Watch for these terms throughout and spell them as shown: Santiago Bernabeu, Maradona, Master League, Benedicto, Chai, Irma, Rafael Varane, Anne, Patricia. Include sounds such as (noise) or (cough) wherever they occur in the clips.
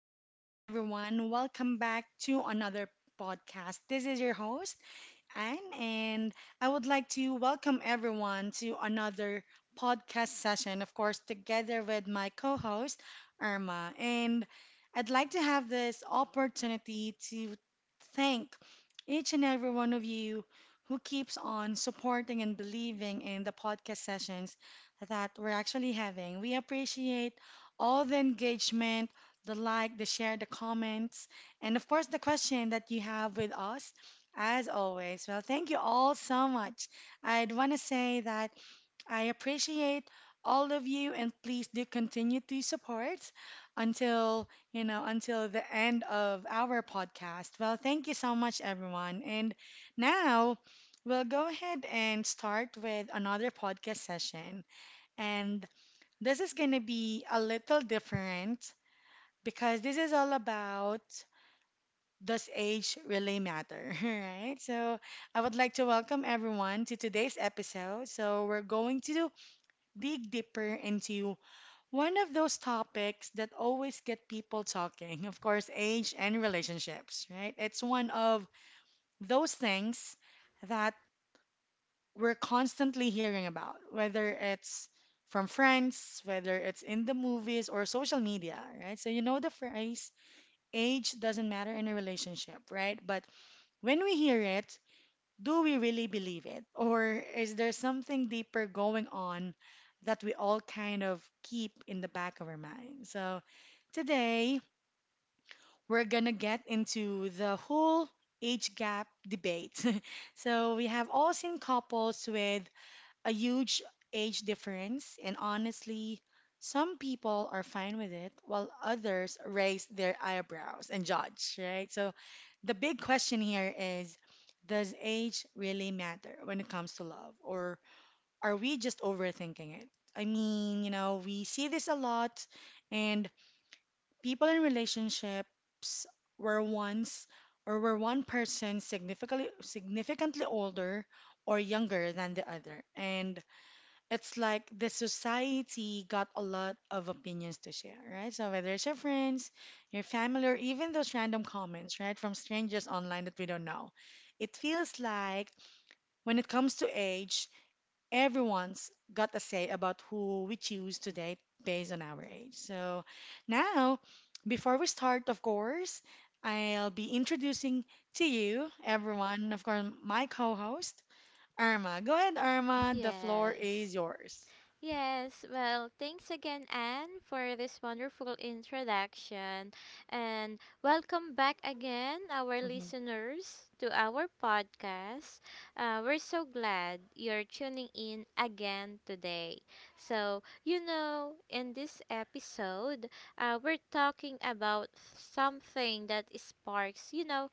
morning, everyone. Welcome back to another podcast. This is your host, Anne, and I would like to welcome everyone to another podcast session, of course, together with my co host, Irma. And I'd like to have this opportunity to thank each and every one of you who keeps on supporting and believing in the podcast sessions that we're actually having. We appreciate all the engagement, the like, the share, the comments, and of course, the question that you have with us as always. Well, thank you all so much. I'd want to say that I appreciate all of you and please do continue to support until the end of our podcast. Well, thank you so much, everyone. And now we'll go ahead and start with another podcast session. And this is going to be a little different because this is all about, does age really matter? (laughs) Right? So, I would like to welcome everyone to today's episode. So, we're going to dig deeper into one of those topics that always get people talking, of course, age and relationships, right? It's one of those things that we're constantly hearing about, whether it's from friends, whether it's in the movies or social media, right? So, you know the phrase, age doesn't matter in a relationship, right? But when we hear it, do we really believe it? Or is there something deeper going on that we all kind of keep in the back of our mind? So today, we're gonna get into the whole age gap debate. (laughs) So we have all seen couples with a huge age difference, and honestly, some people are fine with it while others raise their eyebrows and judge, right? So the big question here is, does age really matter when it comes to love, or are we just overthinking it? I mean, we see this a lot, and people in relationships were once or were one person significantly older or younger than the other. And it's like the society got a lot of opinions to share, right? So whether it's your friends, your family, or even those random comments, right, from strangers online that we don't know, it feels like when it comes to age, everyone's got a say about who we choose to date based on our age. So now, before we start, of course, I'll be introducing to you, everyone, of course, my co-host, Irma. Go ahead, Irma. The floor Yes. is yours. Yes, well, thanks again, Anne, for this wonderful introduction. And welcome back again, our Mm-hmm. listeners, to our podcast. We're so glad you're tuning in again today. So, in this episode, we're talking about something that sparks,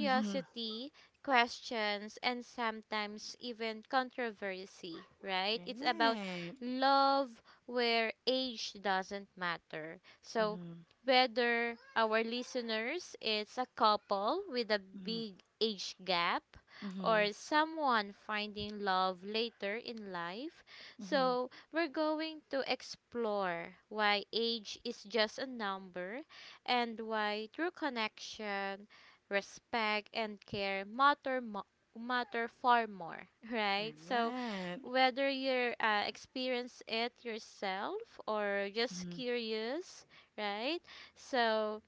Mm-hmm. questions, and sometimes even controversy, right? It's about Right. love where age doesn't matter. So, Mm-hmm. whether our listeners is a couple with a Mm-hmm. big age gap Mm-hmm. or someone finding love later in life, Mm-hmm. so we're going to explore why age is just a number and why true connection, respect, and care matter matter far more, right? So Right. whether you're experience it yourself or just Mm-hmm. curious, right? So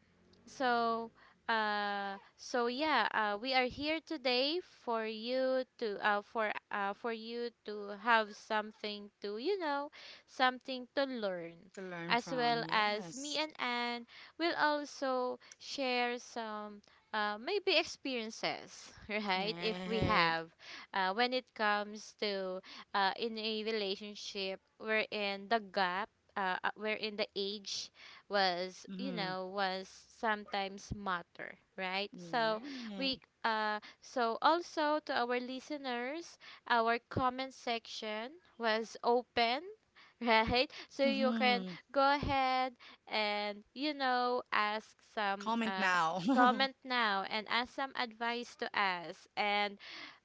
so, so, yeah, we are here today for you to have something to, learn, To learn as from, well as me yes. and Anne will also share some, maybe experiences, (laughs) right? If we Right. have, when it comes to, in a relationship, wherein the age was you Mm-hmm. know was sometimes matter, right? So Right. we so also to our listeners, our comment section was open, (laughs) right? So you can Mm-hmm. go ahead and ask Comment some now. (laughs) Comment now and ask some advice to us, and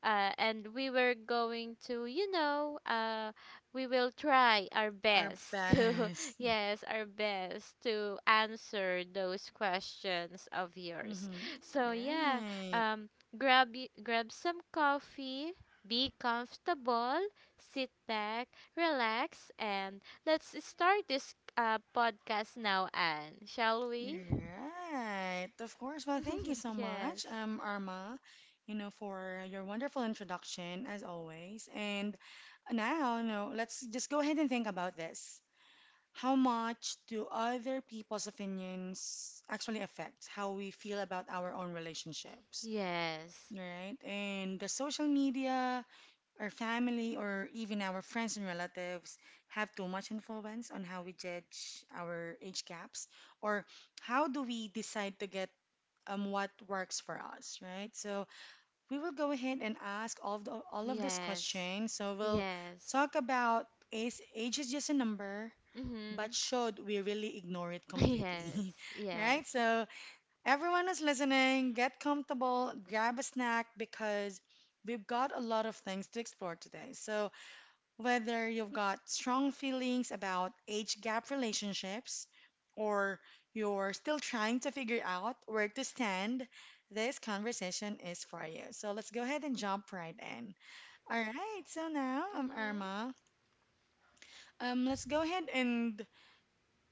uh, and we were going to you know we will try our Our best (laughs) to best. Yes, our best to answer those questions of yours. Mm-hmm. So yeah, Right. um, grab some coffee, be comfortable, sit back, relax, and let's start this podcast now. And shall we? Right. Of course. Well, (laughs) thank you so Yes, much, Arma, for your wonderful introduction as always. And now, let's just go ahead and think about this. How much do other people's opinions actually affect how we feel about our own relationships, yes, right? And the social media, our family, or even our friends and relatives have too much influence on how we judge our age gaps, or how do we decide to get, what works for us, right? So we will go ahead and ask all of those yes, questions. So we'll yes. talk about, is age is just a number, Mhm. but should we really ignore it (laughs) completely? Yes, (laughs) yes. Right? So, everyone who's listening, get comfortable, grab a snack because we've got a lot of things to explore today. So, whether you've got strong feelings about age gap relationships or you're still trying to figure out where to stand, this conversation is for you. So, let's go ahead and jump right in. All right, so now I'm Mhm. Irma. Let's go ahead and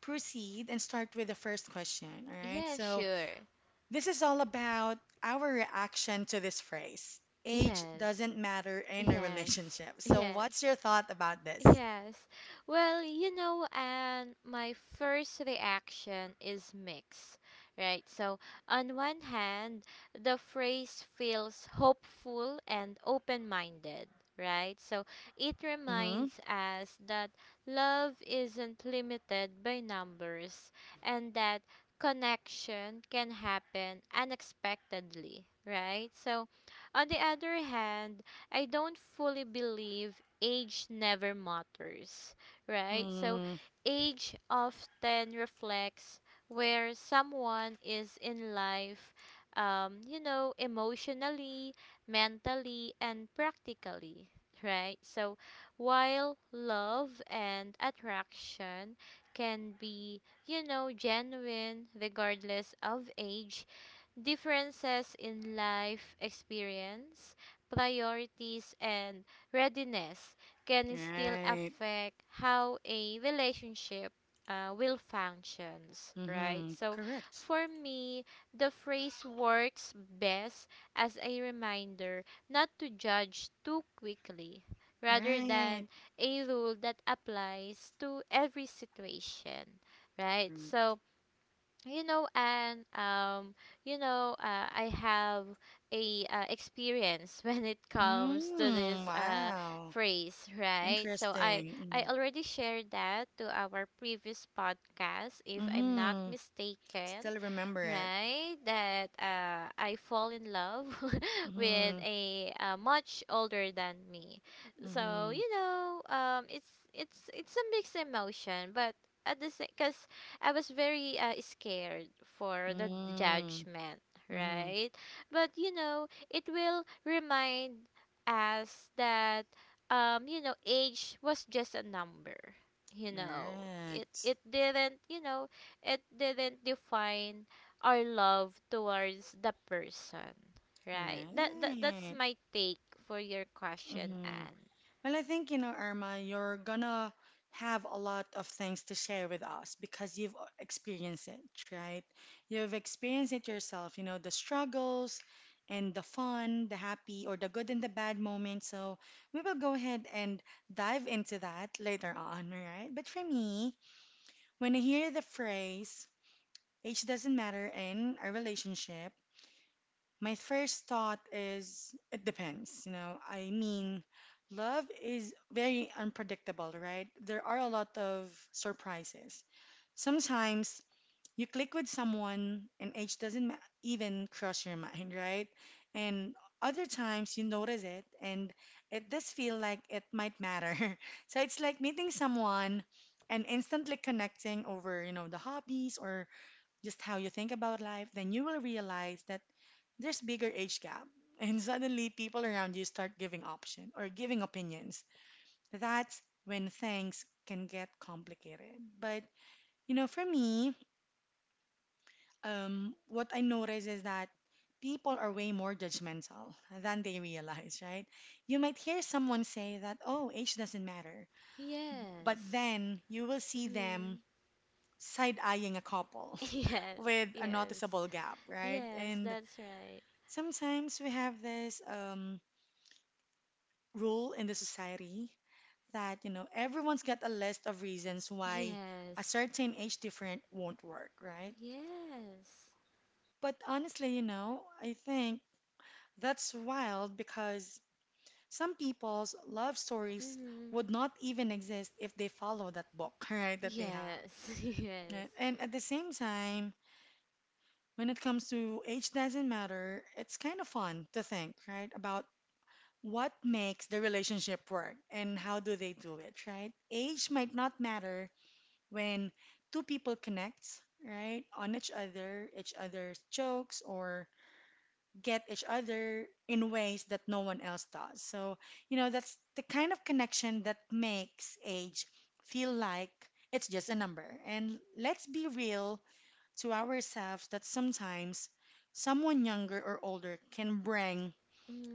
proceed and start with the first question. All right. Yeah, So, sure. this is all about our reaction to this phrase, age Yes. doesn't matter in a Yes, relationship. So, yes, what's your thought about this? yes. Well, and my first reaction is mixed, right? So, on one hand, the phrase feels hopeful and open minded, right? So, it Mm hmm. reminds us that love isn't limited by numbers and that connection can happen unexpectedly, right? So, on the other hand, I don't fully believe age never matters, right? So Mm age often reflects where someone is in life, emotionally, mentally, and practically, right? So while love and attraction can be, genuine regardless of age, differences in life experience, priorities, and readiness can hmm. still Right. affect how a relationship will functions, Mm right? hmm. So Correct. for me, the phrase works best as a reminder not to judge too quickly rather Right. than a rule that applies to every situation, right? So, and I have a experience (laughs) when it comes to Mm, this wow. phrase, right? So I Interesting. Mm i hmm. already shared that to our previous podcast, if I'm not Mm-hmm. mistaken, Still remember it. right? That I fall in love (laughs) with Mm a, much older than me. So hmm. Mm it's a mixed emotion, but at the same, because I was very scared for the hmm. judgment, Mm hmm. right? But it will remind us that, age was just a number. You know, it Correct. it didn't define our love towards the person, right? That's Right. my take for your question, Hmm. Anne. Well, I think, Irma, you're gonna have a lot of things to share with us because you've experienced it, right? You've experienced it yourself, the struggles and the fun, the happy or the good and the bad moments. So we will go ahead and dive into that later on, right? But for me, when I hear the phrase, age doesn't matter in a relationship, my first thought is, it depends. I mean, love is very unpredictable, right? There are a lot of surprises. Sometimes you click with someone and age doesn't even cross your mind, (laughs) right? And other times you notice it and it does feel like it might matter. (laughs) So it's like meeting someone and instantly connecting over, the hobbies or just how you think about life. Then you will realize that there's bigger age gap and suddenly people around you start giving option or giving opinions. That's when things can get complicated, but for me, what I notice is that people are way more judgmental (laughs) than they realize, right? You might hear someone say that, oh, age doesn't matter, but Yes. then you will see them Mm. side-eyeing a couple (laughs) (laughs) Yes, with a yes. noticeable gap, right? Yes, And that's right. sometimes we have this, rule in the society that everyone's got a list of reasons why a Yes. certain age different won't work, right? Yes. But honestly, I think that's wild because some people's love stories Mhm. would not even exist if they follow that book, (laughs) right, that they have. Yes. (laughs) Yes. Right? And at the same time, when it comes to age doesn't matter, it's kind of fun to think, right, about what makes the relationship work and how do they do it, right? Age might not matter, when two people connect, right, on each other, each other's jokes, or get each other in ways that no one else does. So, that's the kind of connection that makes age feel like it's just a number. And let's be real to ourselves that sometimes someone younger or older can bring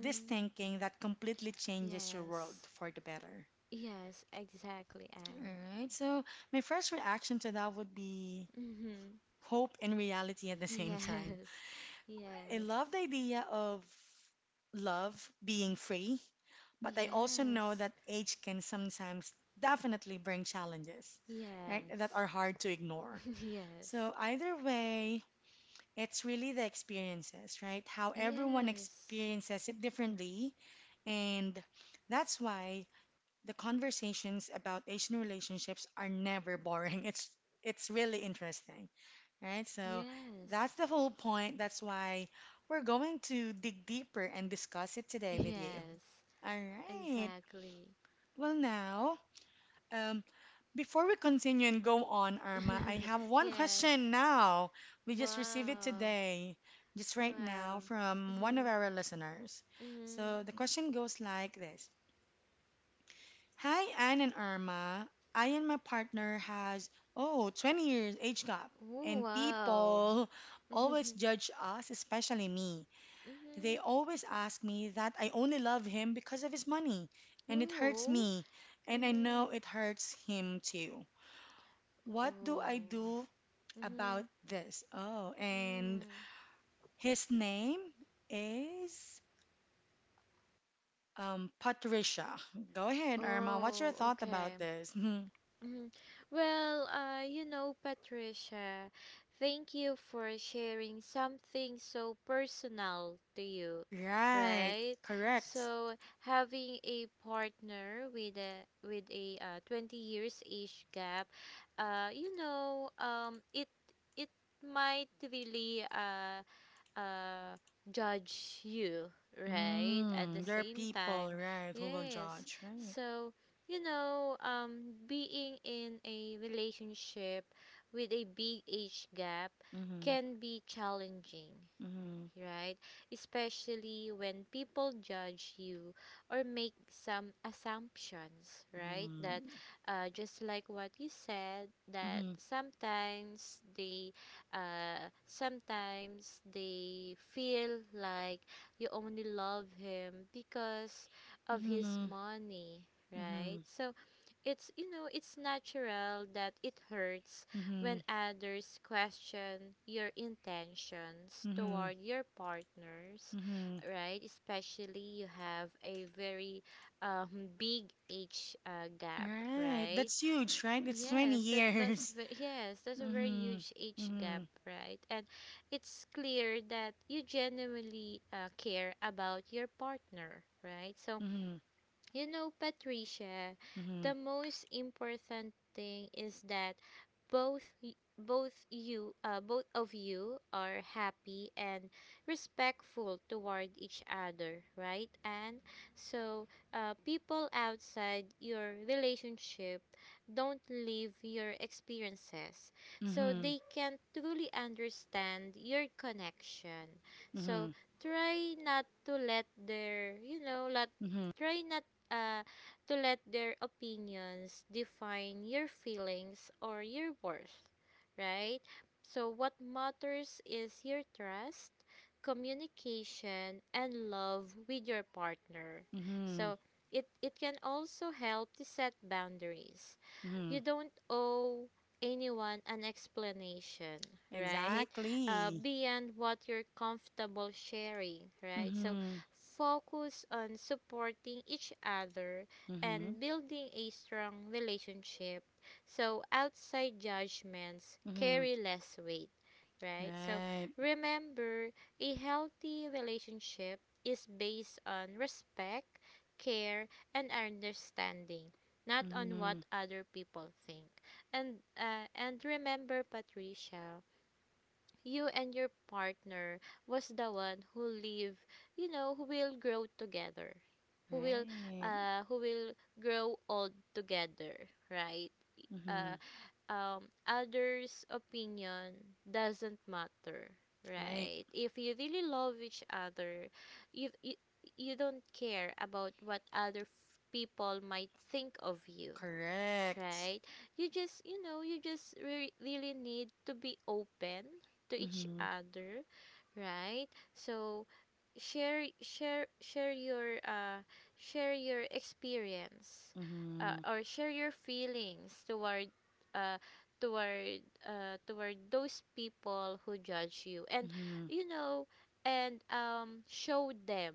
this thinking that completely changes your world Yes. for the better. Yes, exactly, All Anne. right. So, my first reaction to that would be Mhm. hope and reality at the same time. Yes. I Yes. love the idea of love being free, but I also know that Yes. age can sometimes definitely bring challenges, right, that are Yes. hard to ignore. (laughs) So, Yes. either way, it's really the experiences, right? How everyone Yes. experiences it differently. And that's why the conversations about Asian relationships are never boring. (laughs) It's really interesting. Right? So that's Yes. the whole point. That's why we're going to dig deeper and discuss it today with you. Yes. All right. Exactly. Well, now, um, before we continue and go on, Arma, I have (laughs) one Yes. question now. We just received it Wow. today, just right now, Wow. from one of Mhm. our listeners. So Mhm. the question goes like this: Hi, Anne and Irma. I and my partner has, oh, 20 years age gap. Oh, And wow. people (laughs) (laughs) always Mhm. judge us, especially me. They always ask me that I only love him because of his money. And it hurts Whoa. me. And I know Mhm. it hurts him too. What do I Oh. do Mhm. about this? Oh, and Mm. his name is, Patricia. Go ahead, Irma. What's your Oh, thought okay. about this? (laughs) Mhm. Well, Patricia, thank you for sharing something so personal to you, Right, right? correct. So having a partner with a 20 years age gap, uh, you know, um, it it might really uh, judge you, right? At the Mm, there are same people, time, right, who will yes. judge, right? So, being in a relationship with a big age gap Mm-hmm, can be challenging, mm-hmm, right? Especially when people judge you or make some assumptions, right? That just like what you said, that mm-hmm, sometimes they feel like you only love him because of his mm-hmm, money, right? mm-hmm, So it's you know it's natural that it hurts mm-hmm, when others question your intentions mm-hmm, toward your partners, mm-hmm. right? Especially you have a very (laughs) big age gap, Right, right? that's huge, right? It's 20 Yes, that's that's years. ve- yes, that's a very (laughs) huge age Mm-hmm, gap, right? And it's clear that you genuinely care about your partner, right? So mm-hmm, Patricia, mm-hmm, the most important thing is that both of you are happy and respectful toward each other, right? And so people outside your relationship don't live your experiences, so mm-hmm, they can truly understand your connection. mm-hmm, So try not to let their you know let mm-hmm, try not uh, to let their opinions define your feelings or your worth, right? So, what matters is your trust, communication, and love with your partner. mm-hmm, mm-hmm, So, it can also help to set boundaries. mm-hmm. You don't owe anyone an explanation, (laughs) right? Exactly. Beyond what you're comfortable sharing, right? So, Mm-hmm, focus on supporting each other mm-hmm, and building a strong relationship so outside judgments mm-hmm. carry less weight, right? So Right, remember, a healthy relationship is based on respect, care, and understanding. Not on mm-hmm, what other people think, and remember, Patricia, you and your partner was the one who live, who will grow together, who will right. who will grow old together, right? Mm-hmm. Uh um others opinion doesn't matter, Right. right? If you really love each other, you you, you don't care about what other people might think of you, Correct. right? You just really need to be open to each Mhm. other, right? So share share share your uh share your experience, Mhm. or share your feelings toward, uh toward those people who judge you, and Mhm. you know and show them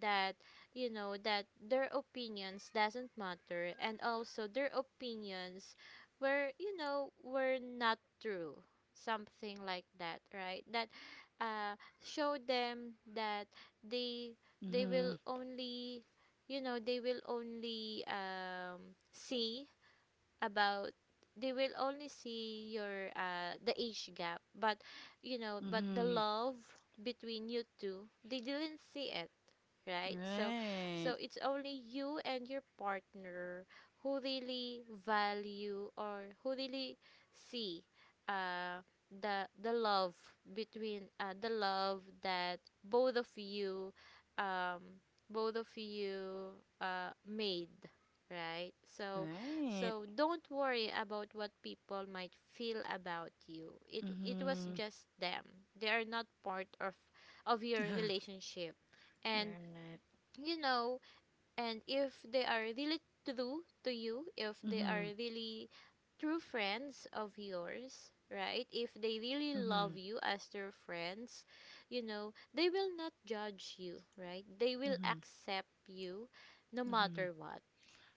that, that their opinions doesn't matter, and also their opinions were you know were not true, something like that, right? That uh show them that they they will Mhm. only, you know they will only um see about see your the age gap, but but the Mhm. love between you two they didn't see it, right? So Right. so it's only you and your partner who really value, or who really see, uh the love that both of you um both of you made, right? so Right. so don't worry about what people might feel about you. It was Mhm. just them. They are not part of your (laughs) relationship. and Right. you know and if they are really true to you, if they are Mhm. really true friends of yours, right? If they really love Mhm. you as their friends, they will not judge you, right? They will Mhm. accept you no Mhm. matter what,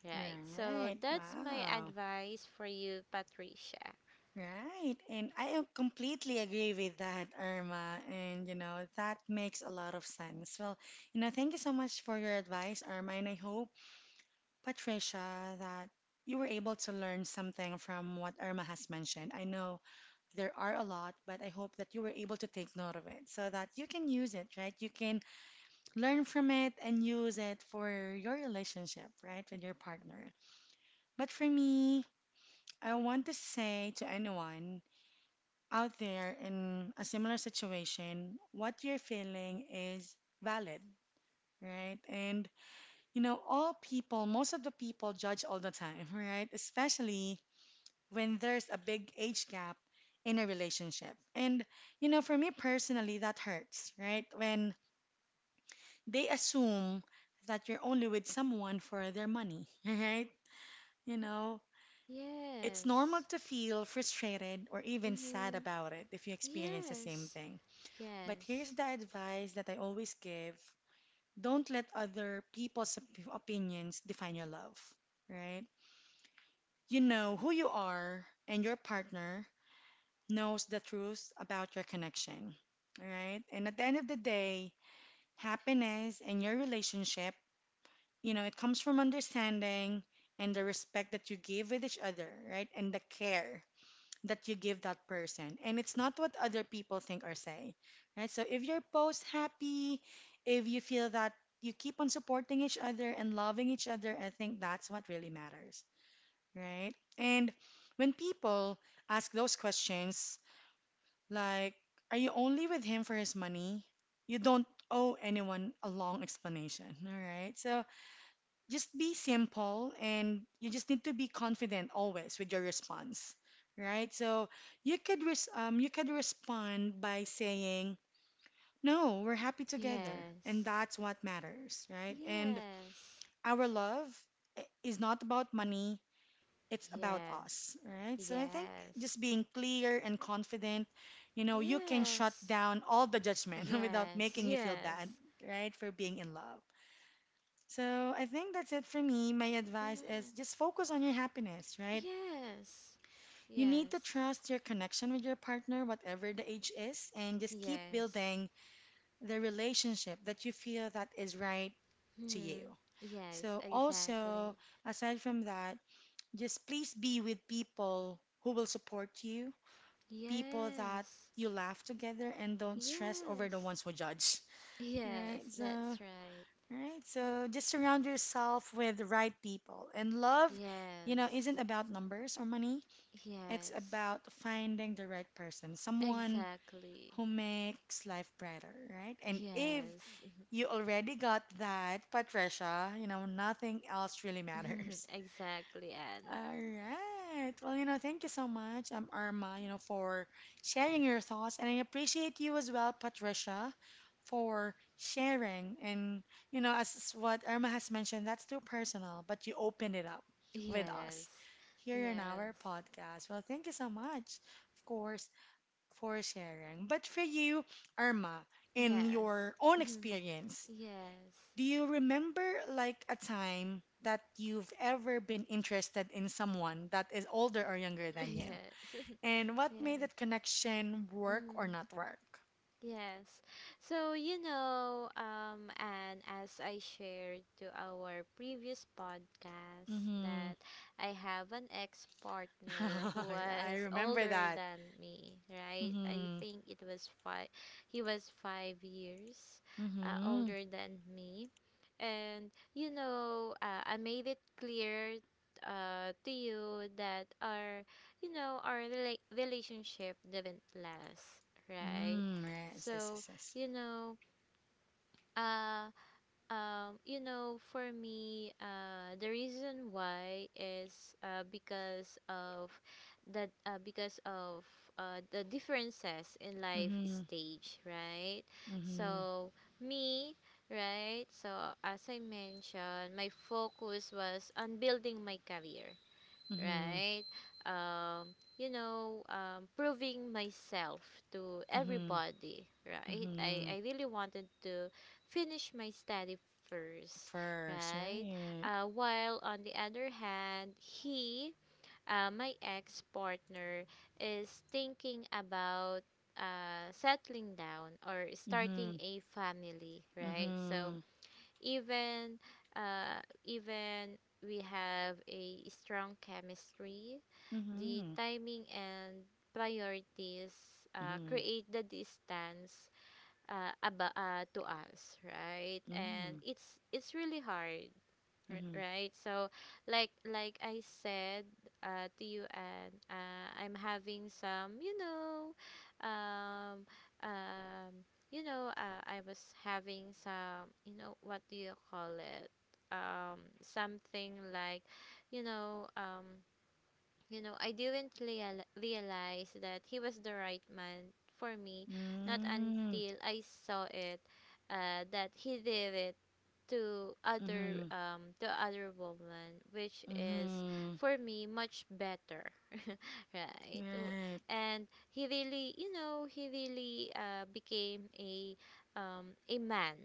right? So Right. that's my Wow. advice for you, Patricia. Right. And I am completely agree with that, Irma. And that makes a lot of sense. Well, thank you so much for your advice, Irma, and I hope Patricia, that you were able to learn something from what Irma has mentioned. I know there are a lot, but I hope that you were able to take note of it so that you can use it, right? You can learn from it and use it for your relationship, right, with your partner. But for me, I want to say to anyone out there in a similar situation, what you're feeling is valid, right? And all people, most of the people judge all the time, (laughs) right? Especially when there's a big age gap in a relationship. And, for me personally, that hurts, right? When they assume that you're only with someone for their money, (laughs) right? You know, it's normal Yes. to feel frustrated or even sad Mm-hmm. about it if you experience the same Yes. thing. But here's Yes. the advice that I always give: don't let other people's opinions define your love, right? You know who you are and your partner knows the truth about your connection, right? And at the end of the day, happiness and your relationship, it comes from understanding and the respect that you give with each other, right? And the care that you give that person. And it's not what other people think or say, right? So if you're both happy, if you feel that you keep on supporting each other and loving each other, I think that's what really matters, right? And when people ask those questions, like, are you only with him for his money? You don't owe anyone a long explanation, all right? So just be simple and you just need to be confident always with your response, right? So you could respond by saying, "No, we're happy together, and Yes. that's what matters, right? And Yes. our love is not about money, it's about Yes. us, right? So I think Yes. just being clear and confident, you can shut Yes. down all the judgment (laughs) without Yes. making you feel (laughs) bad, right, for being in love. So I think that's it for me. My Yes. advice Mm-hmm. is just focus on your happiness, right? Yes. You need to Yes. trust your connection with your partner, whatever the age is, and just keep Yes. building the relationship that you feel that is right to Hmm. you. Yes, So also, exactly. aside from that, just please be with people who will support you, people that Yes. you laugh together and don't stress over the Yes. ones who judge. Right? Yes, So, that's right. right? So just surround yourself with the right people. And love, Yes. isn't about numbers or money. It's Yes. about finding the right person, someone Exactly. who makes life brighter, right? And if Yes. you already got that, Patricia, nothing else really (laughs) matters. (laughs) Exactly, Anne. All right. Well, thank you so much, Arma, for sharing your thoughts. And I appreciate you as well, Patricia, for sharing. And, as what Irma has mentioned, that's too personal, but you opened it up with us Yes. here in our Yes. podcast. Well, thank you so much, of course, for sharing. But for you, Irma, in your own Yes. (laughs) experience, Yes. do you remember like a time that you've ever been interested in someone that is older or younger (laughs) than you? Yes. And (laughs) what made Yes. that connection work or Mm. not work? Yes. So, and as I shared to our previous podcast Mm-hmm. that I have an ex-partner who (laughs) I was (laughs) remember older that. than me, right? I Mm-hmm. think it was five, he was 5 years Mm-hmm. older than me. And, I made it clear to you that our relationship didn't last, right? Mm, right. Yes, yes, So, yes, yes. you know, uh, for me, the reason why is because of the differences in life Mm-hmm. stage, right? Mm-hmm. So, me, right? So, as I mentioned, my focus was on building my career, Mm-hmm. right? Um, Proving myself to Mm-hmm. everybody, right? I, Mm-hmm. I really wanted to finish my study first, First, right? right? While on the other hand, my ex partner, is thinking about settling down or starting Mm-hmm. a family, right? So, Mm-hmm. even even we have a strong chemistry, the Mm-hmm. timing and priorities Mm-hmm. create the distance, about, to us, right? And Mm-hmm. it's really hard, right? So, like I said to you, and I'm having some, you know, um, um, I was having some, what do you call it? Something like, you know, I didn't realize that he was the right man for me, not Mm-hmm. until I saw it that he did it Mm-hmm. To other woman, which is Mm-hmm. for me much better, right W- Right. and he really, he really became a man,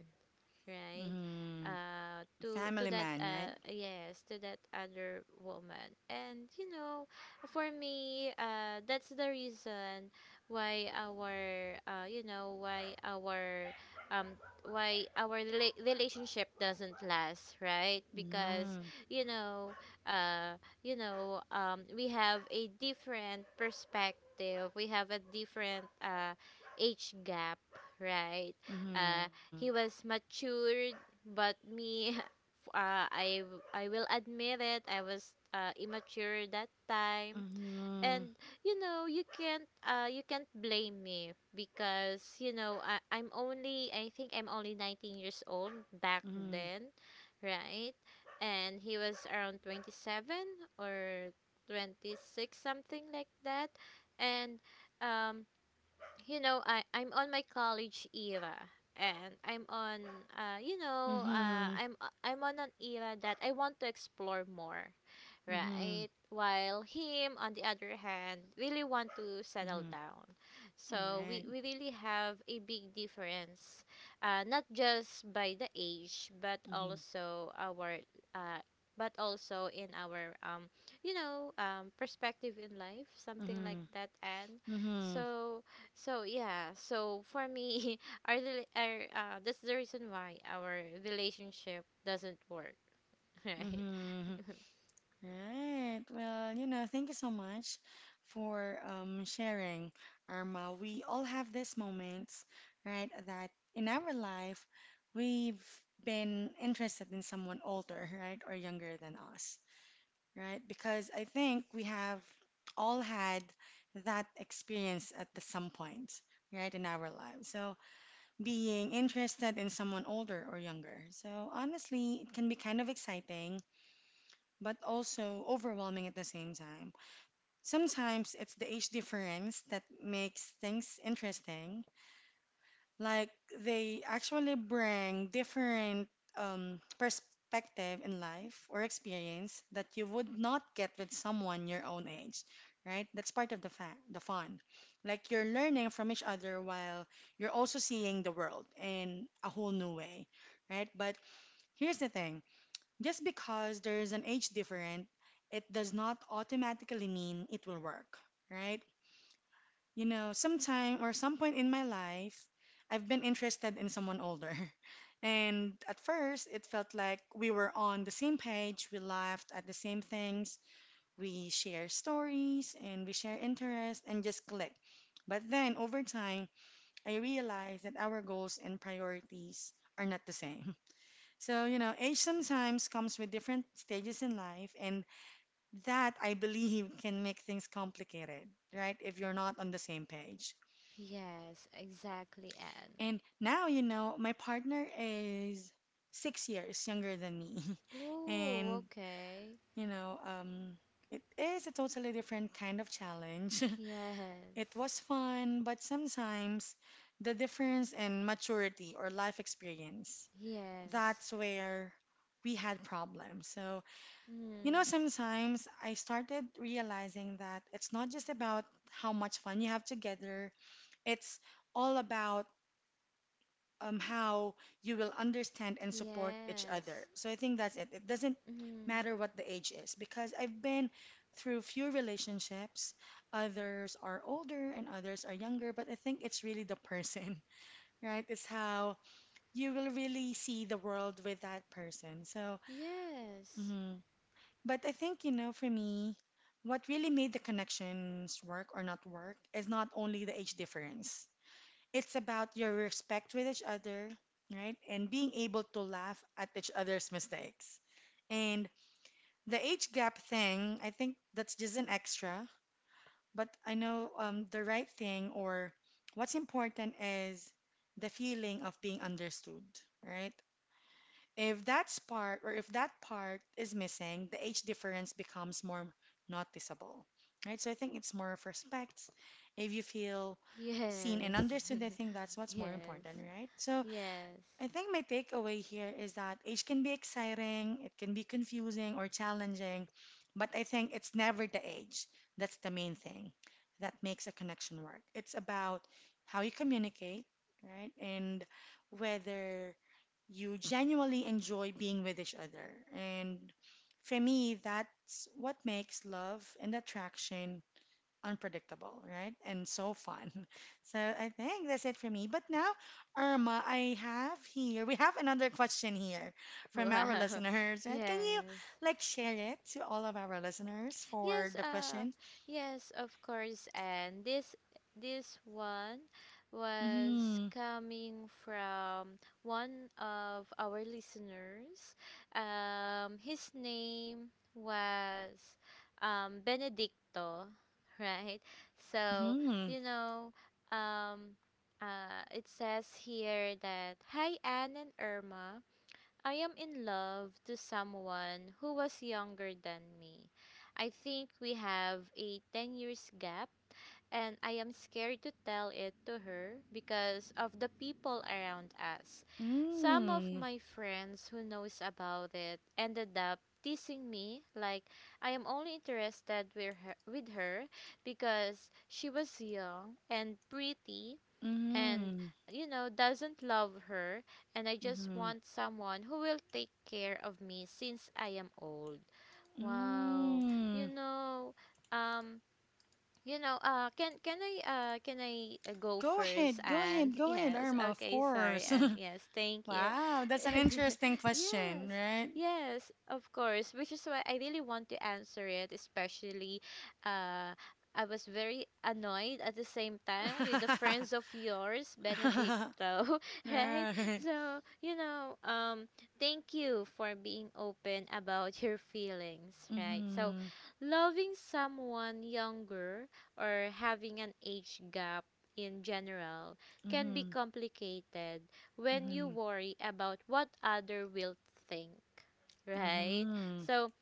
right, Mm-hmm. To Family that, man, right? Yes, to that other woman. And for me, that's the reason why our, why our, um why our relationship doesn't last, right? Because Mm-hmm. you know uh we have a different perspective, we have a different age gap, right? Mm-hmm. uh he was matured, but me, (laughs) I will admit it. I was immature that time. Mm-hmm. And you know, you can't blame me because you know I think I'm only 19 years old back Mm-hmm. then, right? And he was around 27 or 26, something like that. And um you know, I'm on my college era, and I'm on Mm-hmm. I'm on an era that I want to explore more, Mm-hmm. right? While him on the other hand really want to settle Mm-hmm. down. So Right. We really have a big difference, not just by the age but Mm-hmm. also our uh, but also in our perspective in life, something like Mm-hmm. that. And Mm-hmm. so so yeah, so for me, (laughs) our, rela- our that's the reason why our relationship doesn't work, (laughs) right? Mm-hmm. Right. Well, thank you so much for sharing, Irma. We all have these moments, right, that in our life we've been interested in someone older, right, or younger than us, right? Because I think we have all had that experience at the some point, right, in our lives. So being interested in someone older or younger. So honestly, it can be kind of exciting, but also overwhelming at the same time. Sometimes it's the age difference that makes things interesting, like they actually bring different perspective in life or experience that you would not get with someone your own age, right? That's part of the the fun. Like you're learning from each other while you're also seeing the world in a whole new way, right? But here's the thing, just because there's an age difference, it does not automatically mean it will work, right? You know, sometime or some point in my life, I've been interested in someone older. (laughs) And at first, it felt like we were on the same page, we laughed at the same things, we share stories and we share interests and just click. But then over time, I realized that our goals and priorities are not the same. (laughs) So, age sometimes comes with different stages in life, and that I believe (laughs) can make things complicated, right? If you're not on the same page. Yes, exactly, Anne. And now, my partner is 6 years younger than me. (laughs) Ooh, And, okay. you know, um, it is a totally different kind of challenge. Yes, (laughs) It was fun, but sometimes the difference in maturity or life experience, yes. that's where we had problems. So, Mm, sometimes I started realizing that it's not just about how much fun you have together, it's all about how you will understand and support each other. yes. So I think that's it. It doesn't Mm, matter what the age is because I've been through few relationships. Others are older and others are younger, but I think it's really the person, (laughs) right? It's how you will really see the world with that person. So, yes. mhm. but I think, for me, what really made the connections work or not work is not only the age difference, it's about your respect with each other, right? And being able to laugh at each other's mistakes. And the age gap thing, I think that's just an extra. But I know the right thing or what's important is the feeling of being understood, right? If that spark or if that part is missing, the age difference becomes more noticeable, right? So I think it's more of respect. If you feel seen and Yes. understood, I think that's (laughs) what's more Yes. important, right? So Yes. I think my takeaway here is that age can be exciting, it can be confusing or challenging, but I think it's never the age that's the main thing that makes a connection work. It's about how you communicate, right? And whether you genuinely enjoy being with each other. And for me, that's what makes love and attraction unpredictable, right? And so fun. (laughs) So I think that's it for me. But now, Irma, we have another question here from Wow. our listeners, (laughs) right? Can you Yes. like share it to all of our listeners for Yes, the question? yes, of course. And this one was Mm, coming from one of our listeners. His name was Benedicto, (laughs) right? So mm-hmm, you know, um, it says here that hi Anne and Irma. I am in love to someone who was younger than me. I think we have a 10 years gap, and I am scared to tell it to her because of the people around us. Some of hmm. Mm, my friends who knows about it ended up teasing me like I am only interested with with her because she was young and pretty, and mm-hmm, you know doesn't love her, and I hmm. just Mm-hmm, want someone who will take care of me since I am old. Wow. you mm. know um can can I go Go first? ahead, go And ahead, (laughs) go ahead, yes, Irma, of okay, sorry, course. (laughs) and yes, thank you. Wow, that's an (laughs) interesting question, Yes, right? yes, of course. Which is why I really want to answer it, especially, uh, I was very annoyed at the same time with the friends of yours, Benedicto, (laughs) (laughs) right? Right. So thank you for being open about your feelings, right? So, Mhm. loving someone younger or having an age gap in general can be Mhm. complicated when you Mhm. worry about what other will think, right? Mhm. So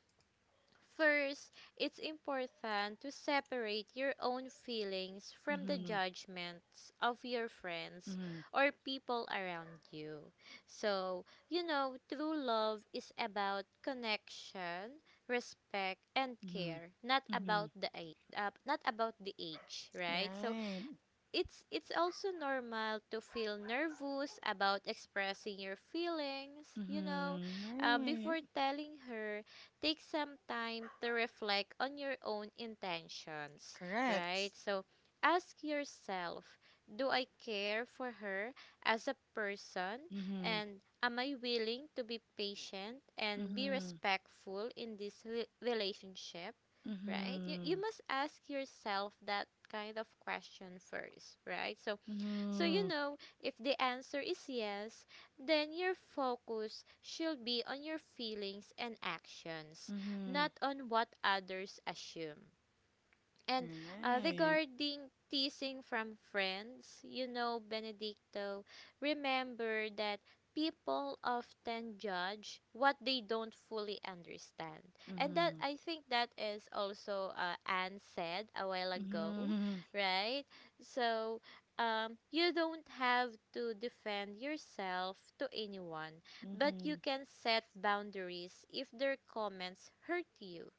first, it's important to separate your own feelings from the Mhm. judgments of your friends Mhm. or people around you. So, you know, true love is about connection, respect, and Mhm. care, not about Mhm. Not about the age, right? So, Right. it's also normal to feel nervous about expressing your feelings, you know, Mhm. Before Right. telling her, take some time to reflect on your own intentions, right? Correct. So ask yourself, do I care for her as a person, Mhm. and am I willing to be patient and be Mhm. respectful in this relationship, right? You Mhm. must ask yourself that kind of question first, right? So, so you Mhm. know, if the answer is yes, then your focus should be on your feelings and actions, Mhm. not on what others assume. And Right. regarding teasing from friends, you know, Benedicto, remember that people often judge what they don't fully understand. And that, Mhm. I think that is also Anne said a while ago, Mhm. right? So you don't have to defend yourself to anyone, but you Mhm. can set boundaries if their comments hurt you,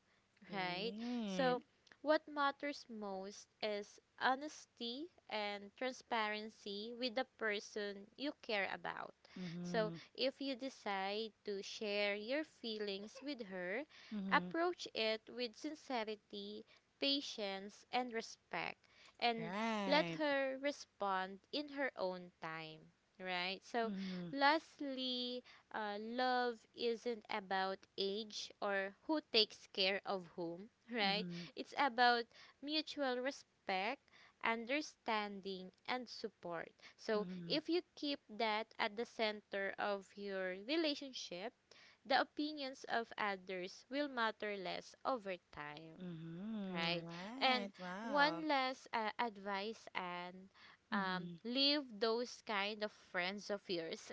right? Right. So, what matters most is honesty and transparency with the person you care about. So, Mhm. if you decide to share your feelings with her, Mhm. approach it with sincerity, patience, and respect, and let Right. her respond in her own time. Right. So, Mhm. lastly, love isn't about age or who takes care of whom, right? Mhm. It's about mutual respect, understanding, and support. So, Mhm. if you keep that at the center of your relationship, the opinions of others will matter less over time, right? Mhm. And Right. Wow. one last advice, and Mhm. leave those kind of friends of yours.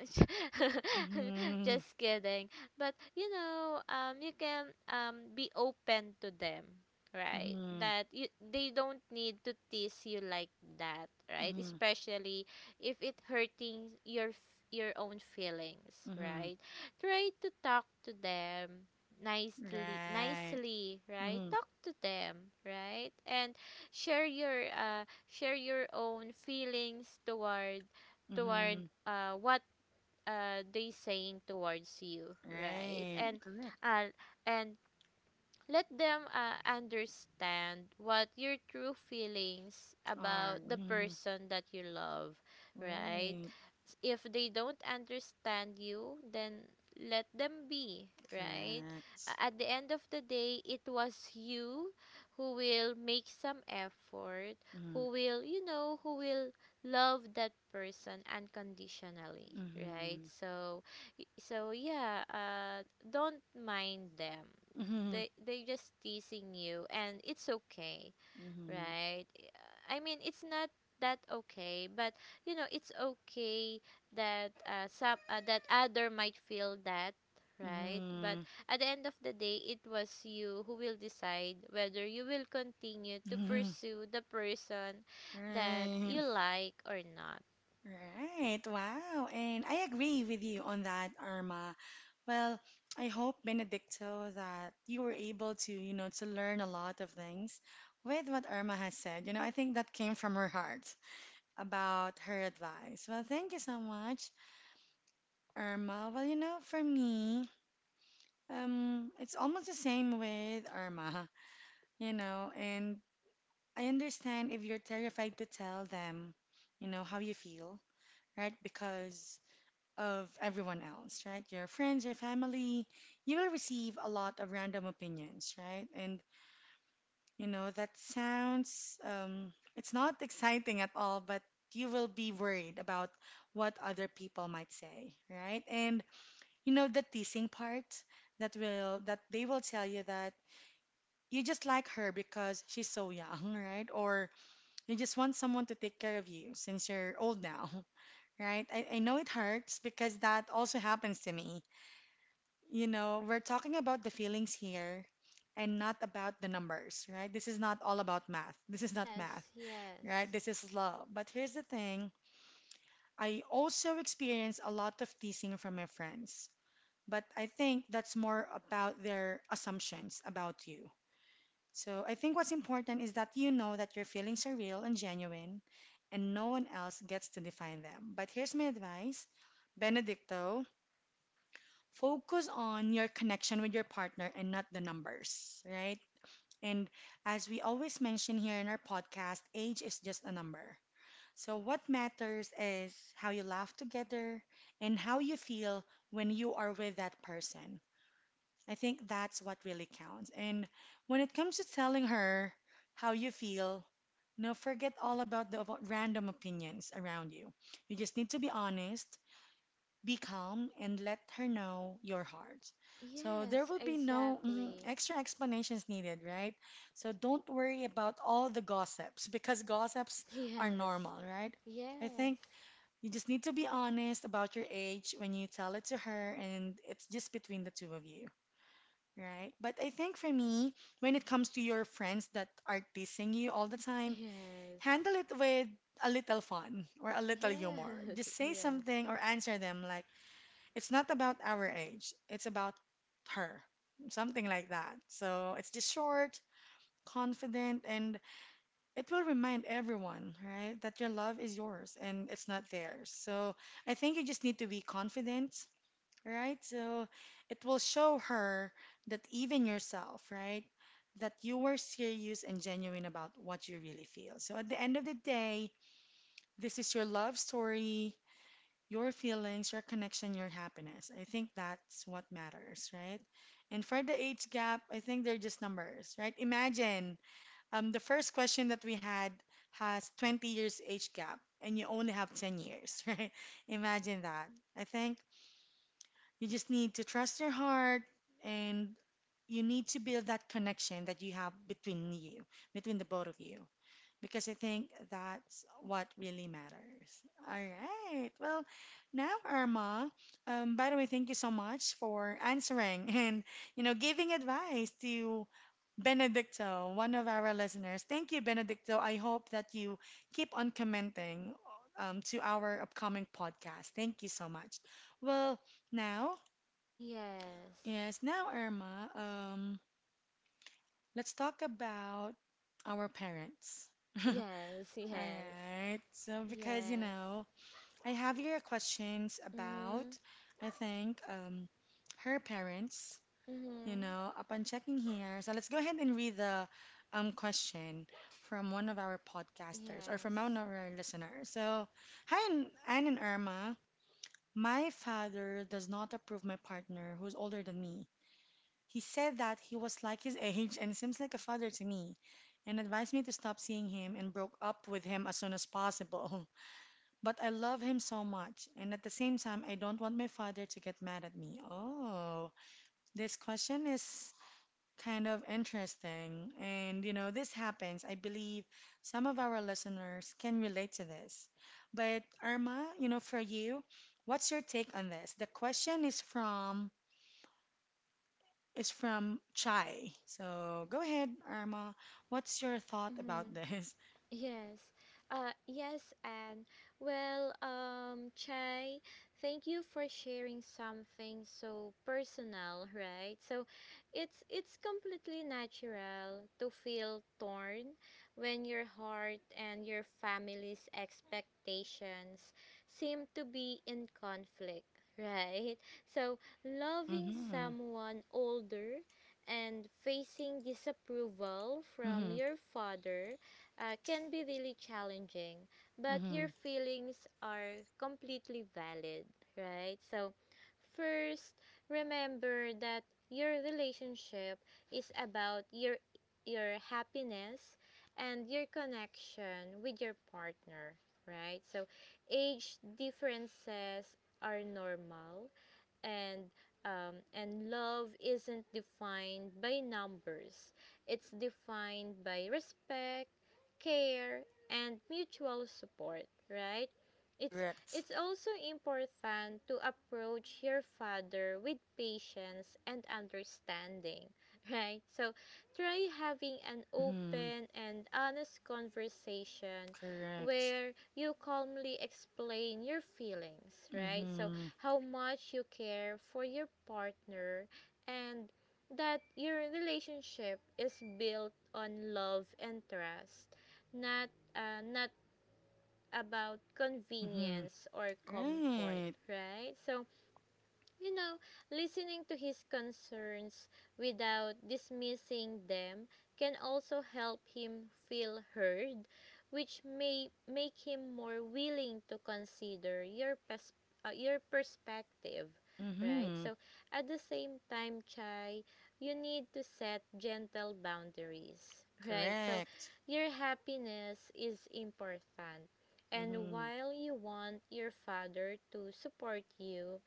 (laughs) Mhm. Just kidding. But you know, you can be open to them, right? Mhm. That they don't need to tease you like that, right? Mhm. Especially if it hurting your own feelings, Mhm. right? Try to talk to them Right. nicely, right, Mhm. talk to them, right. And share your uh share your own feelings toward toward Mhm. What they saying towards you, right. Right. and Correct. uh and let them understand what your true feelings Are. about the Mhm. person that you love, right? Right. If they don't understand you, then let them be, right? Correct. At the end of the day, it was you who will make some effort, Mhm. who will, you know, who will love that person unconditionally, right? Mhm. So, so yeah, don't mind them, Mhm. They just teasing you, and it's okay, Mhm. right. I mean, it's not that okay, but you know, it's okay that some that other might feel that, right. But Mhm. at the end of the day, it was you who will decide whether you will continue to Mhm. pursue the person that you Right. like or not. Right. Wow. And I agree with you on that, Irma. Well, I hope, Benedicto, that you were able to, to learn a lot of things with what Irma has said. You know, I think that came from her heart about her advice. Well, thank you so much, Irma. Well, for me, it's almost the same with Irma, and I understand if you're terrified to tell them, how you feel, right? Because of everyone else, right? Your friends, your family, you will receive a lot of random opinions, right? And that sounds, it's not exciting at all, but you will be worried about what other people might say, right? And the teasing part that they will tell you that you just like her because she's so young, (laughs) right? Or you just want someone to take care of you since you're old now, (laughs) right? I know it hurts because that also happens to me. You know, we're talking about the feelings here and not about the numbers, right? This is not all about math. This is not Yes, math yes. right? This is love. But here's the thing, I also experience a lot of teasing from my friends, but I think that's more about their assumptions about you. So I think what's important is that you know that your feelings are real and genuine, and no one else gets to define them. But here's my advice, Benedicto, focus on your connection with your partner and not the numbers, right? And as we always mention here in our podcast, age is just a number. So, what matters is how you laugh together and how you feel when you are with that person. I think that's what really counts. And when it comes to telling her how you feel, no, forget all about the random opinions around you. You just need to be honest, be calm and let her know your heart. So there Yes, will be no exactly. extra explanations needed, right? So don't worry about all the gossips because gossips are normal, (laughs) right? I Yes, think you just need to be honest about your age when you tell it to her, and it's just between the two of you, right? But I think for me, when it comes to your friends that are teasing you all the time, yes, handle it with a little fun or a little humor. yes, Just say yes, (laughs) something or answer them like, it's not about our age, it's about her, something like that. So it's just short, confident, and it will remind everyone, right, that your love is yours and it's not theirs. So I think you just need to be confident, right? So it will show her that even yourself, right, that you were serious and genuine about what you really feel. So at the end of the day, this is your love story, your feelings, your connection, your happiness. I think that's what matters, right? And for the age gap, I think they're just numbers, right? Imagine the first question that we had has 20 years age gap and you only have 10 years, (laughs) right? Imagine that. I think you just need to trust your heart and you need to build that connection that you have between you, between the both of you, because I think that's what really matters. All right. Well, now, Irma, by the way, thank you so much for answering (laughs) and, you know, giving advice to Benedicto, one of our listeners. Thank you, Benedicto. I hope that you keep on commenting, to our upcoming podcast. Thank you so much. Well, now, yes, yes, now, Irma, let's talk about our parents. (laughs) All yes, yes, yes, right. So because you yes. know, I have your questions about, Mhm, I think, her parents. You mhm, know, upon checking here, so let's go ahead and read the question from one of our podcasters or from one yes, of our listeners. So, hi, Anne and Irma. My father does not approve my partner who's older than me. He said that he was like his age and seems like a father to me, and advised me to stop seeing him and broke up with him as soon as possible. (laughs) But I love him so much, and at the same time, I don't want my father to get mad at me. Oh, this question is kind of interesting. And, you know, this happens. I believe some of our listeners can relate to this. But, Irma, you know, for you, what's your take on this? The question is from Chai. So go ahead, Irma. What's your thought about mhm. this? Yes, yes, and well, Chai, thank you for sharing something so personal, right? So, it's completely natural to feel torn when your heart and your family's expectations seem to be in conflict, right? So, (laughs) loving Mm-hmm. someone older and facing disapproval from Mm-hmm. your father can be really challenging, but your Mm-hmm. feelings are completely valid, right? So, first, remember that your relationship is about your happiness and your connection with your partner, right? So, age differences are normal, and and love isn't defined by numbers. It's defined by respect, care, and mutual support, right? It's Correct. Also important to approach your father with patience and understanding, (laughs) right? So try having an Mm-hmm. open and honest conversation Correct. where you calmly explain your feelings, right? So Mhm. how much you care for your partner, and that your relationship is built on love and trust, not uh, not about Mhm. convenience or comfort, Right. right? So you know, listening to his concerns without dismissing them can also help him feel heard, which may make him more willing to consider your perspective, right? Mhm. So, at the same time, Chai, you need to set gentle boundaries, (laughs) right? So, Correct. your happiness is important. And Mhm. while you want your father to support you,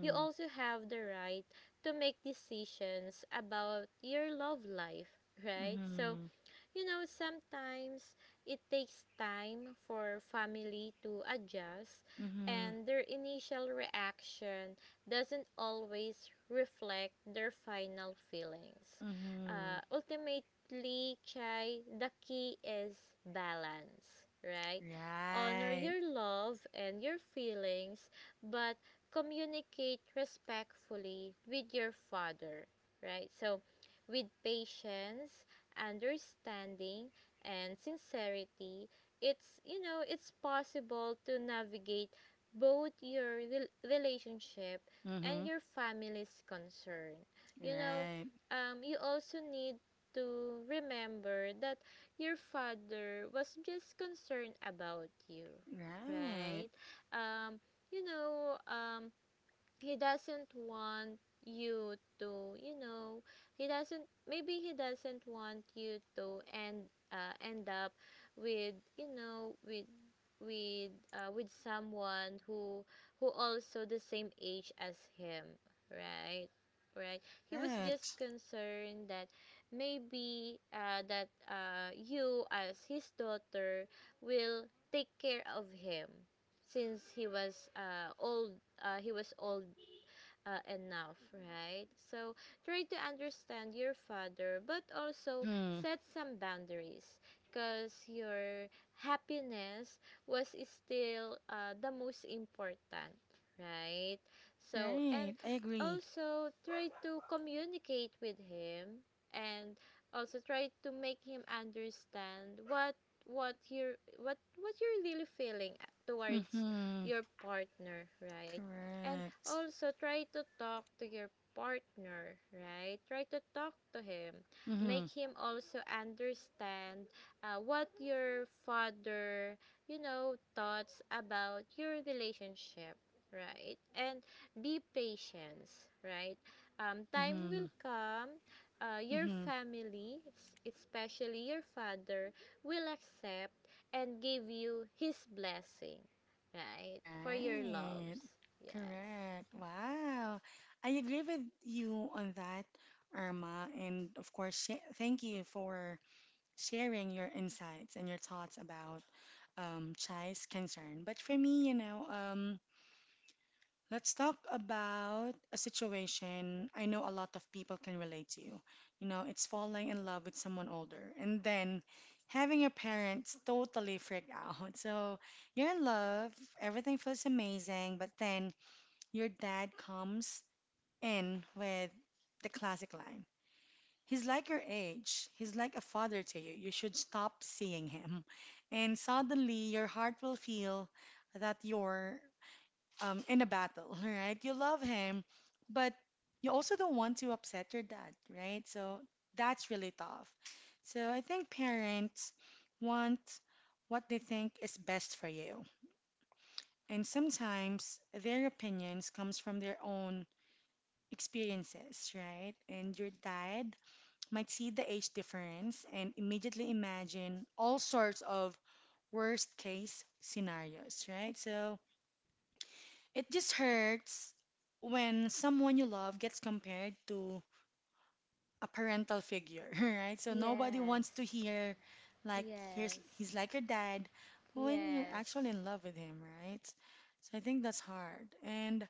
you also have the right to make decisions about your love life, right? So Mhm. you know, sometimes it takes time for family to adjust, Mhm. and their initial reaction doesn't always reflect their final feelings. Mhm. Ultimately, Chai, the key is balance, right? Honor Right. your love and your feelings, but communicate respectfully with your father, right? So, with patience, understanding, and sincerity, it's, you know, it's possible to navigate both relationship and Mhm. your family's concern. You know, Right. You also need to remember that your father was just concerned about you, Right. right? Um, you know, um, he doesn't want you to you know he doesn't maybe he doesn't want you to end end up with, with with someone who also the same age as him, right, right. He was just Correct. concerned that maybe that you, as his daughter, will take care of him since he was old he was old enough, right? So try to understand your father, but also Mhm. set some boundaries because your happiness was still the most important, right? So, and Right. I agree. also try to communicate with him, and also try to make him understand what you're really feeling towards Mhm. your partner, right. And Correct. also, try to talk to your partner, right? Try to talk to him. Make Mhm. him also understand what your father, you know, thoughts about your relationship, right? And be patient, right? Time Mhm. will come. Your Mhm. family, especially your father, will accept and give you his blessing, right? For your Right. loves. Yes. Correct. Wow. I agree with you on that, Irma. And of course, thank you for sharing your insights and your thoughts about Chai's concern. But for me, you know, let's talk about a situation I know a lot of people can relate to. You know, it's falling in love with someone older and then having your parents totally freak out. (laughs) So you're in love, everything feels amazing, but then your dad comes in with the classic line. He's like your age. He's like a father to you. You should stop seeing him. And suddenly your heart will feel that you're in a battle, (laughs) right? You love him, but you also don't want to upset your dad, right? So that's really tough. So I think parents want what they think is best for you. And sometimes their opinions comes from their own experiences, right? And your dad might see the age difference and immediately imagine all sorts of worst case scenarios, right? So it just hurts when someone you love gets compared to a parental figure, (laughs) right? So nobody wants to Yes. hear like, here's Yes. he's like your dad when you're Yes. actually in love with him, right? So I think that's hard. And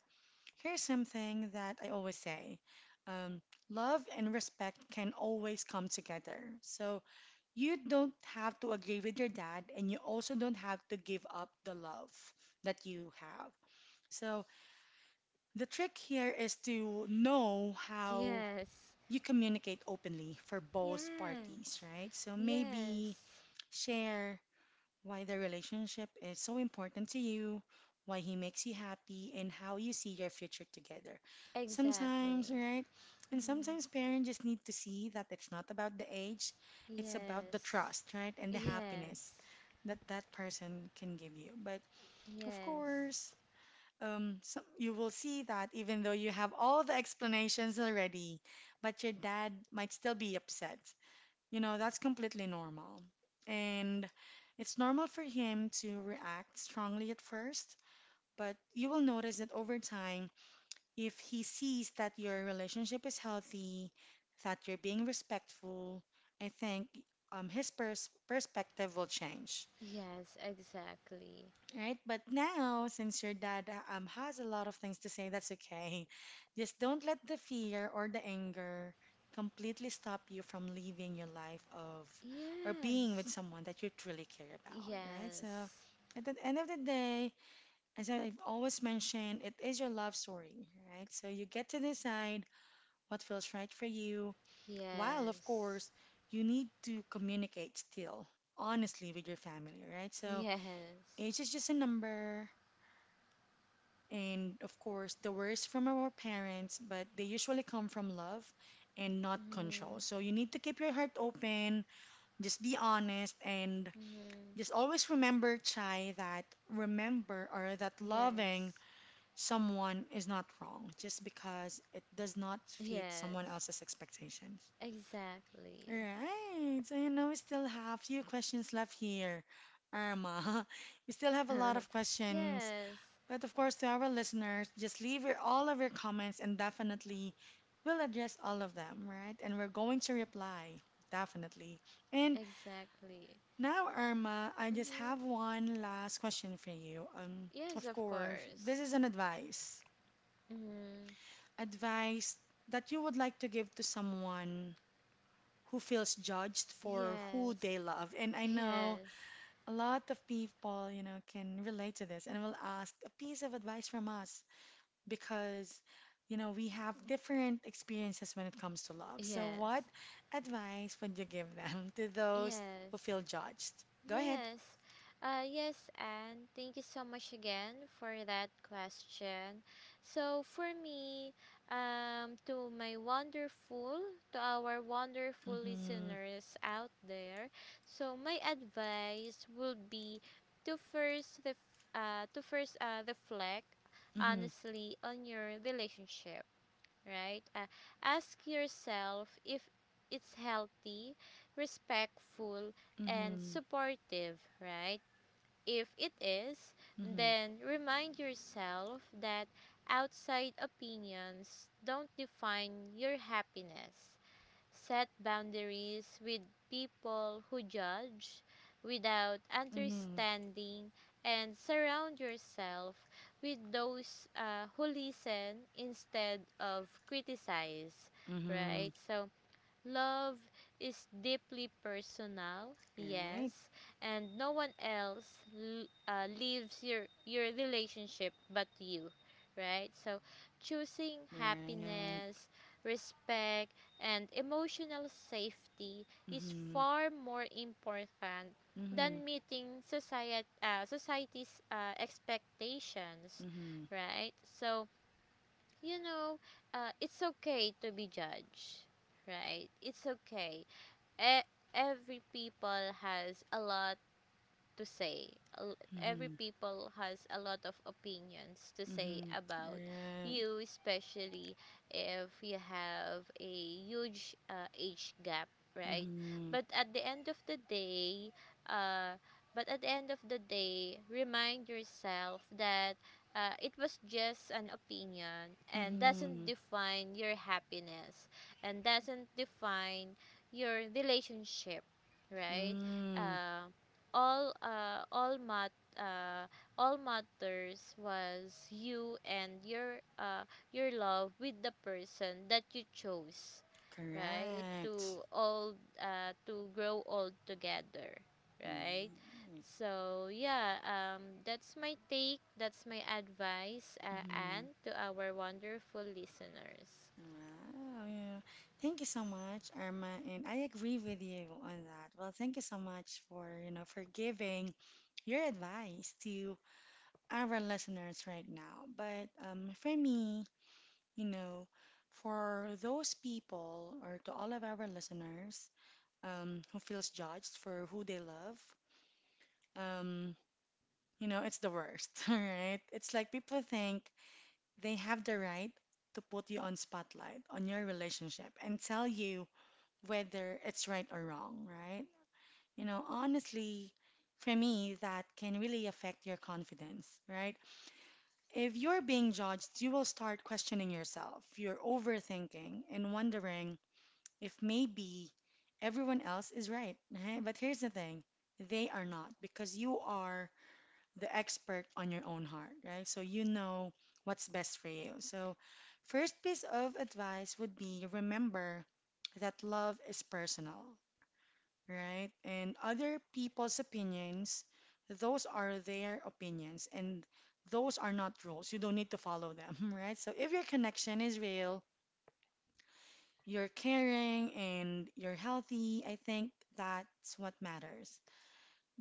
here's something that I always say. Um, love and respect can always come together. So you don't have to agree with your dad and you also don't have to give up the love that you have. So the trick here is to know how Yes. you communicate openly for both parties, Yes. right? So Yes. maybe share why the relationship is so important to you, why he makes you happy, and how you see your future together. Sometimes, Exactly. right? And Mhm. sometimes parents just need to see that it's not about the age, it's about the Yes. trust, right? And the happiness Yes. that that person can give you. But of Yes. course, so you will see that even though you have all the explanations already, but your dad might still be upset. You know, that's completely normal. And it's normal for him to react strongly at first, but you will notice that over time, if he sees that your relationship is healthy, that you're being respectful, I think his pers perspective will change. Yes, exactly. Right, but now since your dad has a lot of things to say, that's okay. Just don't let the fear or the anger completely stop you from living your life of, or being with Yes. someone that you truly care about, right? So Yes. at the end of the day, as I've always mentioned, it is your love story, right? So you get to decide what feels right for you, while of Yes. course you need to communicate still honestly with your family, right? So Yes. age is just a number, and of course the worst from our parents, but they usually come from love and not control. Mhm. So you need to keep your heart open, just be honest, and Mhm. just always remember, Chai, that remember or that loving Yes. someone is not wrong just because it does not fit someone Yes. else's expectations. Exactly. Right. So you know we still have few questions left here. Irma, (laughs) we still have a lot of (laughs) questions, Yes, but of course, to our listeners, just leave your, all of your comments and definitely we'll address all of them, right? And we're going to reply, definitely. And exactly. now, Irma, I just have Mm-hmm. one last question for you. Yes, Of of course, this course. is an advice. Mm-hmm. Advice that you would like to give to someone who feels judged for who they Yes, love. And I know yes, a lot of people, you know, can relate to this and will ask a piece of advice from us, because you know we have different experiences when it comes to love. So yes, what advice would you give them (laughs) to those yes. who feel judged? Go ahead. Yes, yes, and thank you so much again for that question. So for me, um, to my wonderful, to our wonderful Mm-hmm. listeners out there, so my advice would be to first reflect Mm-hmm. honestly on your relationship, right? Ask yourself if it's healthy, respectful, and Mm-hmm. supportive, right? If it is, Mm-hmm. then remind yourself that outside opinions don't define your happiness. Set boundaries with people who judge without Mm-hmm. understanding, and surround yourself with those who listen instead of criticize, right? Mm-hmm. So, love is deeply personal, Right. yes, and no one else lives your relationship but you, right? So, choosing Right. happiness, respect, and emotional safety is Mm-hmm. far more important Mm-hmm. than meeting society's expectations, Mm-hmm. right? So, you know, it's okay to be judged, right? It's okay. E- every people has a lot to say. Every Mm-hmm. people has a lot of opinions to say Mm-hmm. about Right. you, especially if you have a huge age gap, right? Mm-hmm. But at the end of the day, uh, but at the end of the day, remind yourself that it was just an opinion and doesn't Mm-hmm. define your happiness and doesn't define your relationship, right? Mm. Um, all uh all mat uh all matters was you and your love with the person that you chose, right, Correct. To grow old together, right. Right. So yeah, that's my take, that's my advice, Mm-hmm. and to our wonderful listeners. Wow. Yeah. Thank you so much, Irma, and I agree with you on that. Well, thank you so much for, you know, for giving your advice to our listeners right now. But for me, you know, for those people or to all of our listeners, who feels judged for who they love, um, you know, it's the worst, (laughs) all right? It's like people think they have the right to put you on spotlight on your relationship and tell you whether it's right or wrong, right? You know, honestly, for me, that can really affect your confidence, right? If you're being judged, you will start questioning yourself. You're overthinking and wondering if maybe everyone else is right. (laughs) But here's the thing, they are not, because you are the expert on your own heart, right? So you know what's best for you. So, first piece of advice would be remember that love is personal, right? And other people's opinions, those are their opinions and those are not rules. You don't need to follow them, (laughs) right? So if your connection is real, you're caring and you're healthy, I think that's what matters.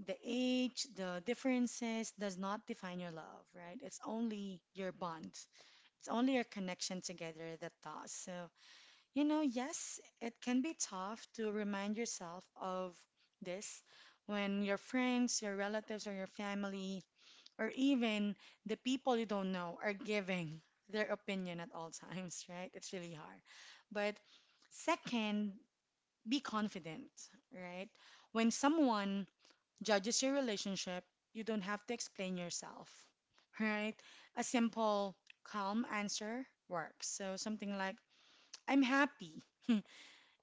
The age, the differences does not define your love, right? It's only your bond. It's only your connection together that does. So you know, yes, it can be tough to remind yourself of this when your friends, your relatives, or your family, or even the people you don't know are giving their opinion at all (laughs) times, right? It's really hard. But second, be confident, right? When someone judges your relationship, you don't have to explain yourself, (laughs) right? A simple, calm answer works. So something like, I'm happy. (laughs)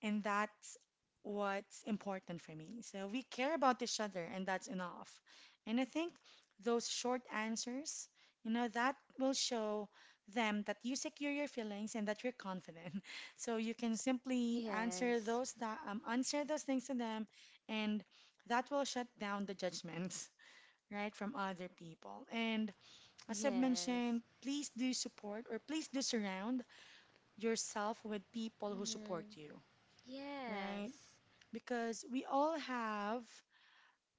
And that's what's important for me. So we care about each other, and that's enough. And I think those short answers, you know, that will show them that you secure your feelings and that you're confident. (laughs) So you can simply answer Yes, those that answer those things to them, and that will shut down the judgments, (laughs) right, from other people. And as I've yes, mentioned, please do support or please do surround yourself with people who support mm, you, right? yes, Because we all have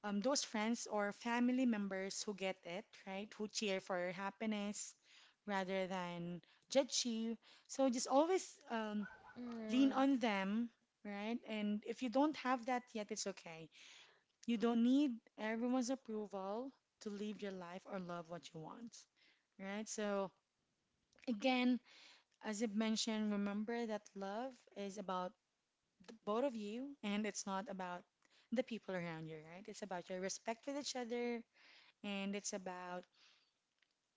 those friends or family members who get it, right? Who cheer for your happiness rather than judge you. So just always lean mm. on them, right? And if you don't have that yet, it's okay. You don't need everyone's approval to live your life or love what you want, right? So again, as I mentioned, remember that love is about the both of you, and it's not about the people around you, right? It's about your respect with each other, and it's about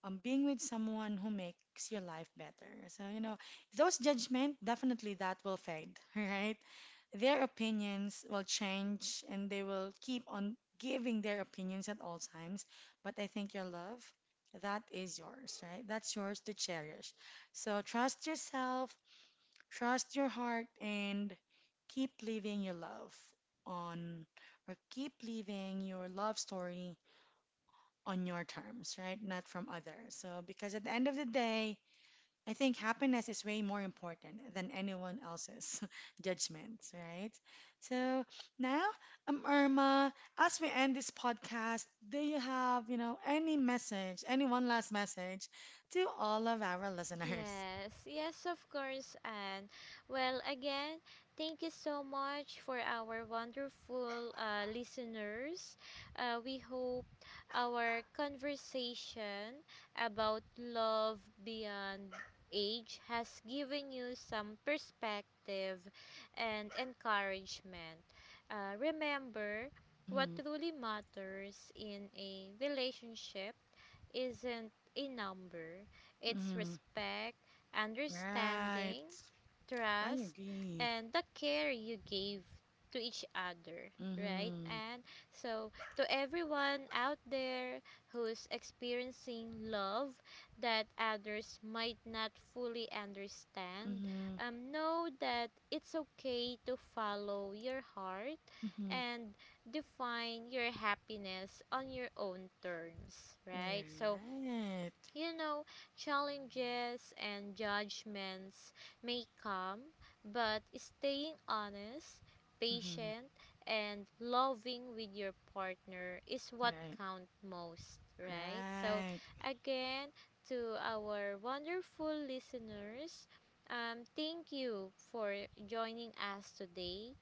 being with someone who makes your life better. So, you know, those judgment definitely that will fade, (laughs) right? Their opinions will change, and they will keep on giving their opinions at all times. But I think your love, that is yours, right? That's yours to cherish. So trust yourself, trust your heart and keep living your love on, keep living your love story on your terms, right? Not from others. So, because at the end of the day, I think happiness is way more important than anyone else's (laughs) judgments, right? So now, Irma, as we end this podcast, do you have, you know, any message, any one last message to all of our listeners? (laughs) Yes, yes, of course. And well, again, thank you so much for our wonderful listeners. We hope our conversation about love beyond age has given you some perspective and encouragement. Remember, what Mm-hmm. truly matters in a relationship isn't a number, it's Mm-hmm. respect, Right. understanding, I trust, agree. and the care you gave to each other, right? Mhm. And so, to everyone out there who's experiencing love that others might not fully understand, Mhm. Know that it's okay to follow your heart Mhm. and define your happiness on your own terms, right? So, Right. you know, challenges and judgments may come, but staying honest, Mhm. patient, and loving with your partner is what Right. count most, right? So, Right. again, to our wonderful listeners, thank you for joining us today,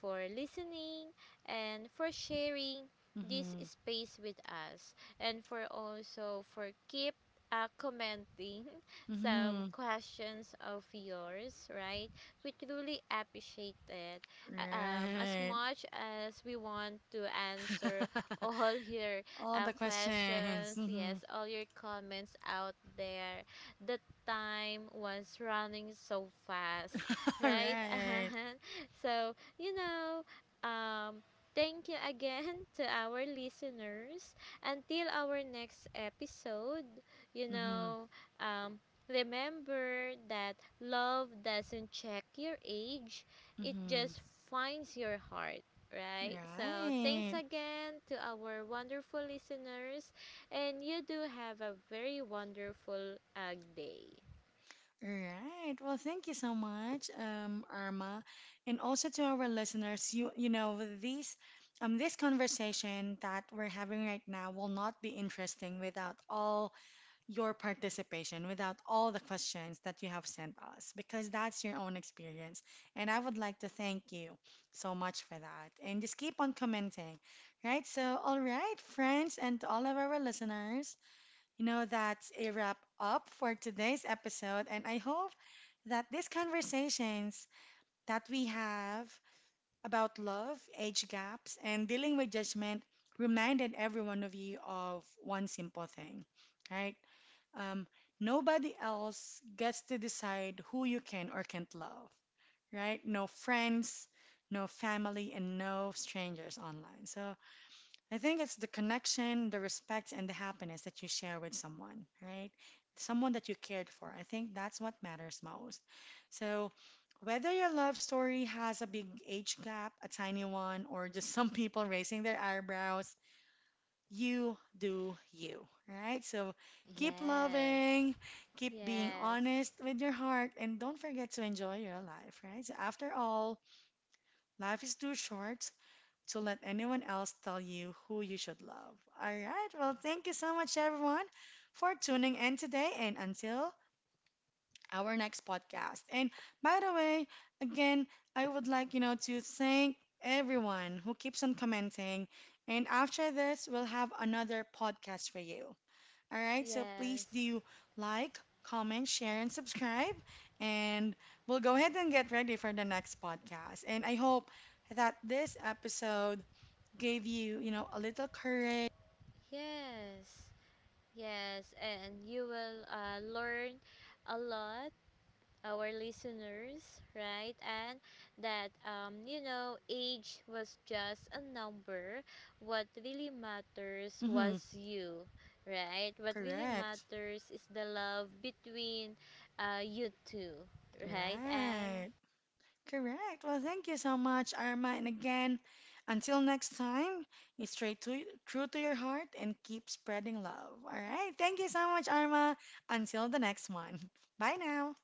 for listening, and for sharing this Mhm. space with us, and for also for keep commenting (laughs) some Mhm. questions of yours, right? We truly appreciate it. As Right. much as we want to answer (laughs) all (laughs) your All the questions. questions, Mhm. yes, all your comments out there, the time was running so fast, (laughs) right? Right. (laughs) So, you know, um, thank you again (laughs) to our listeners. Until our next episode, you Mhm. know, um, remember that love doesn't check your age, it Mhm. just finds your heart. Right, so thanks Right. again to our wonderful listeners, and you do have a very wonderful day. All right. Well, thank you so much, Irma, and also to our listeners. You know these this conversation that we're having right now will not be interesting without all your participation, without all the questions that you have sent us, because that's your own experience. And I would like to thank you so much for that. And just keep on commenting, right? So, all right, friends, and to all of our listeners. You know, that's a wrap up for today's episode, and I hope that these conversations that we have about love, age gaps, and dealing with judgment reminded every one of you of one simple thing, right? Um, nobody else gets to decide who you can or can't love, right? No friends, no family, and no strangers online. So I think it's the connection, the respect, and the happiness that you share with someone, right? Someone that you cared for. I think that's what matters most. So, whether your love story has a big age gap, a tiny one, or just (laughs) some people raising their eyebrows, you do you, right? So, keep Yes, loving, keep being yes, honest with your heart, and don't forget to enjoy your life, right? So, after all, life is too short to let anyone else tell you who you should love. All right. Well, thank you so much, everyone, for tuning in today and until our next podcast. And by the way, again, I would like, you know, to thank everyone who keeps on commenting. And after this, we'll have another podcast for you. All right. So please yes, do like, comment, share, and subscribe. And we'll go ahead and get ready for the next podcast. And I hope that this episode gave you, you know, a little courage. yes, yes, and you will learn a lot, our listeners, right? And that, you know, age was just a number. What really matters Mm-hmm. was you, right? What really Correct. matters is the love between you two, right? And Right. Correct. Well, thank you so much, Arma. And again, until next time, you stay true to your heart and keep spreading love. All right. Thank you so much, Arma. Until the next one. (laughs) Bye now.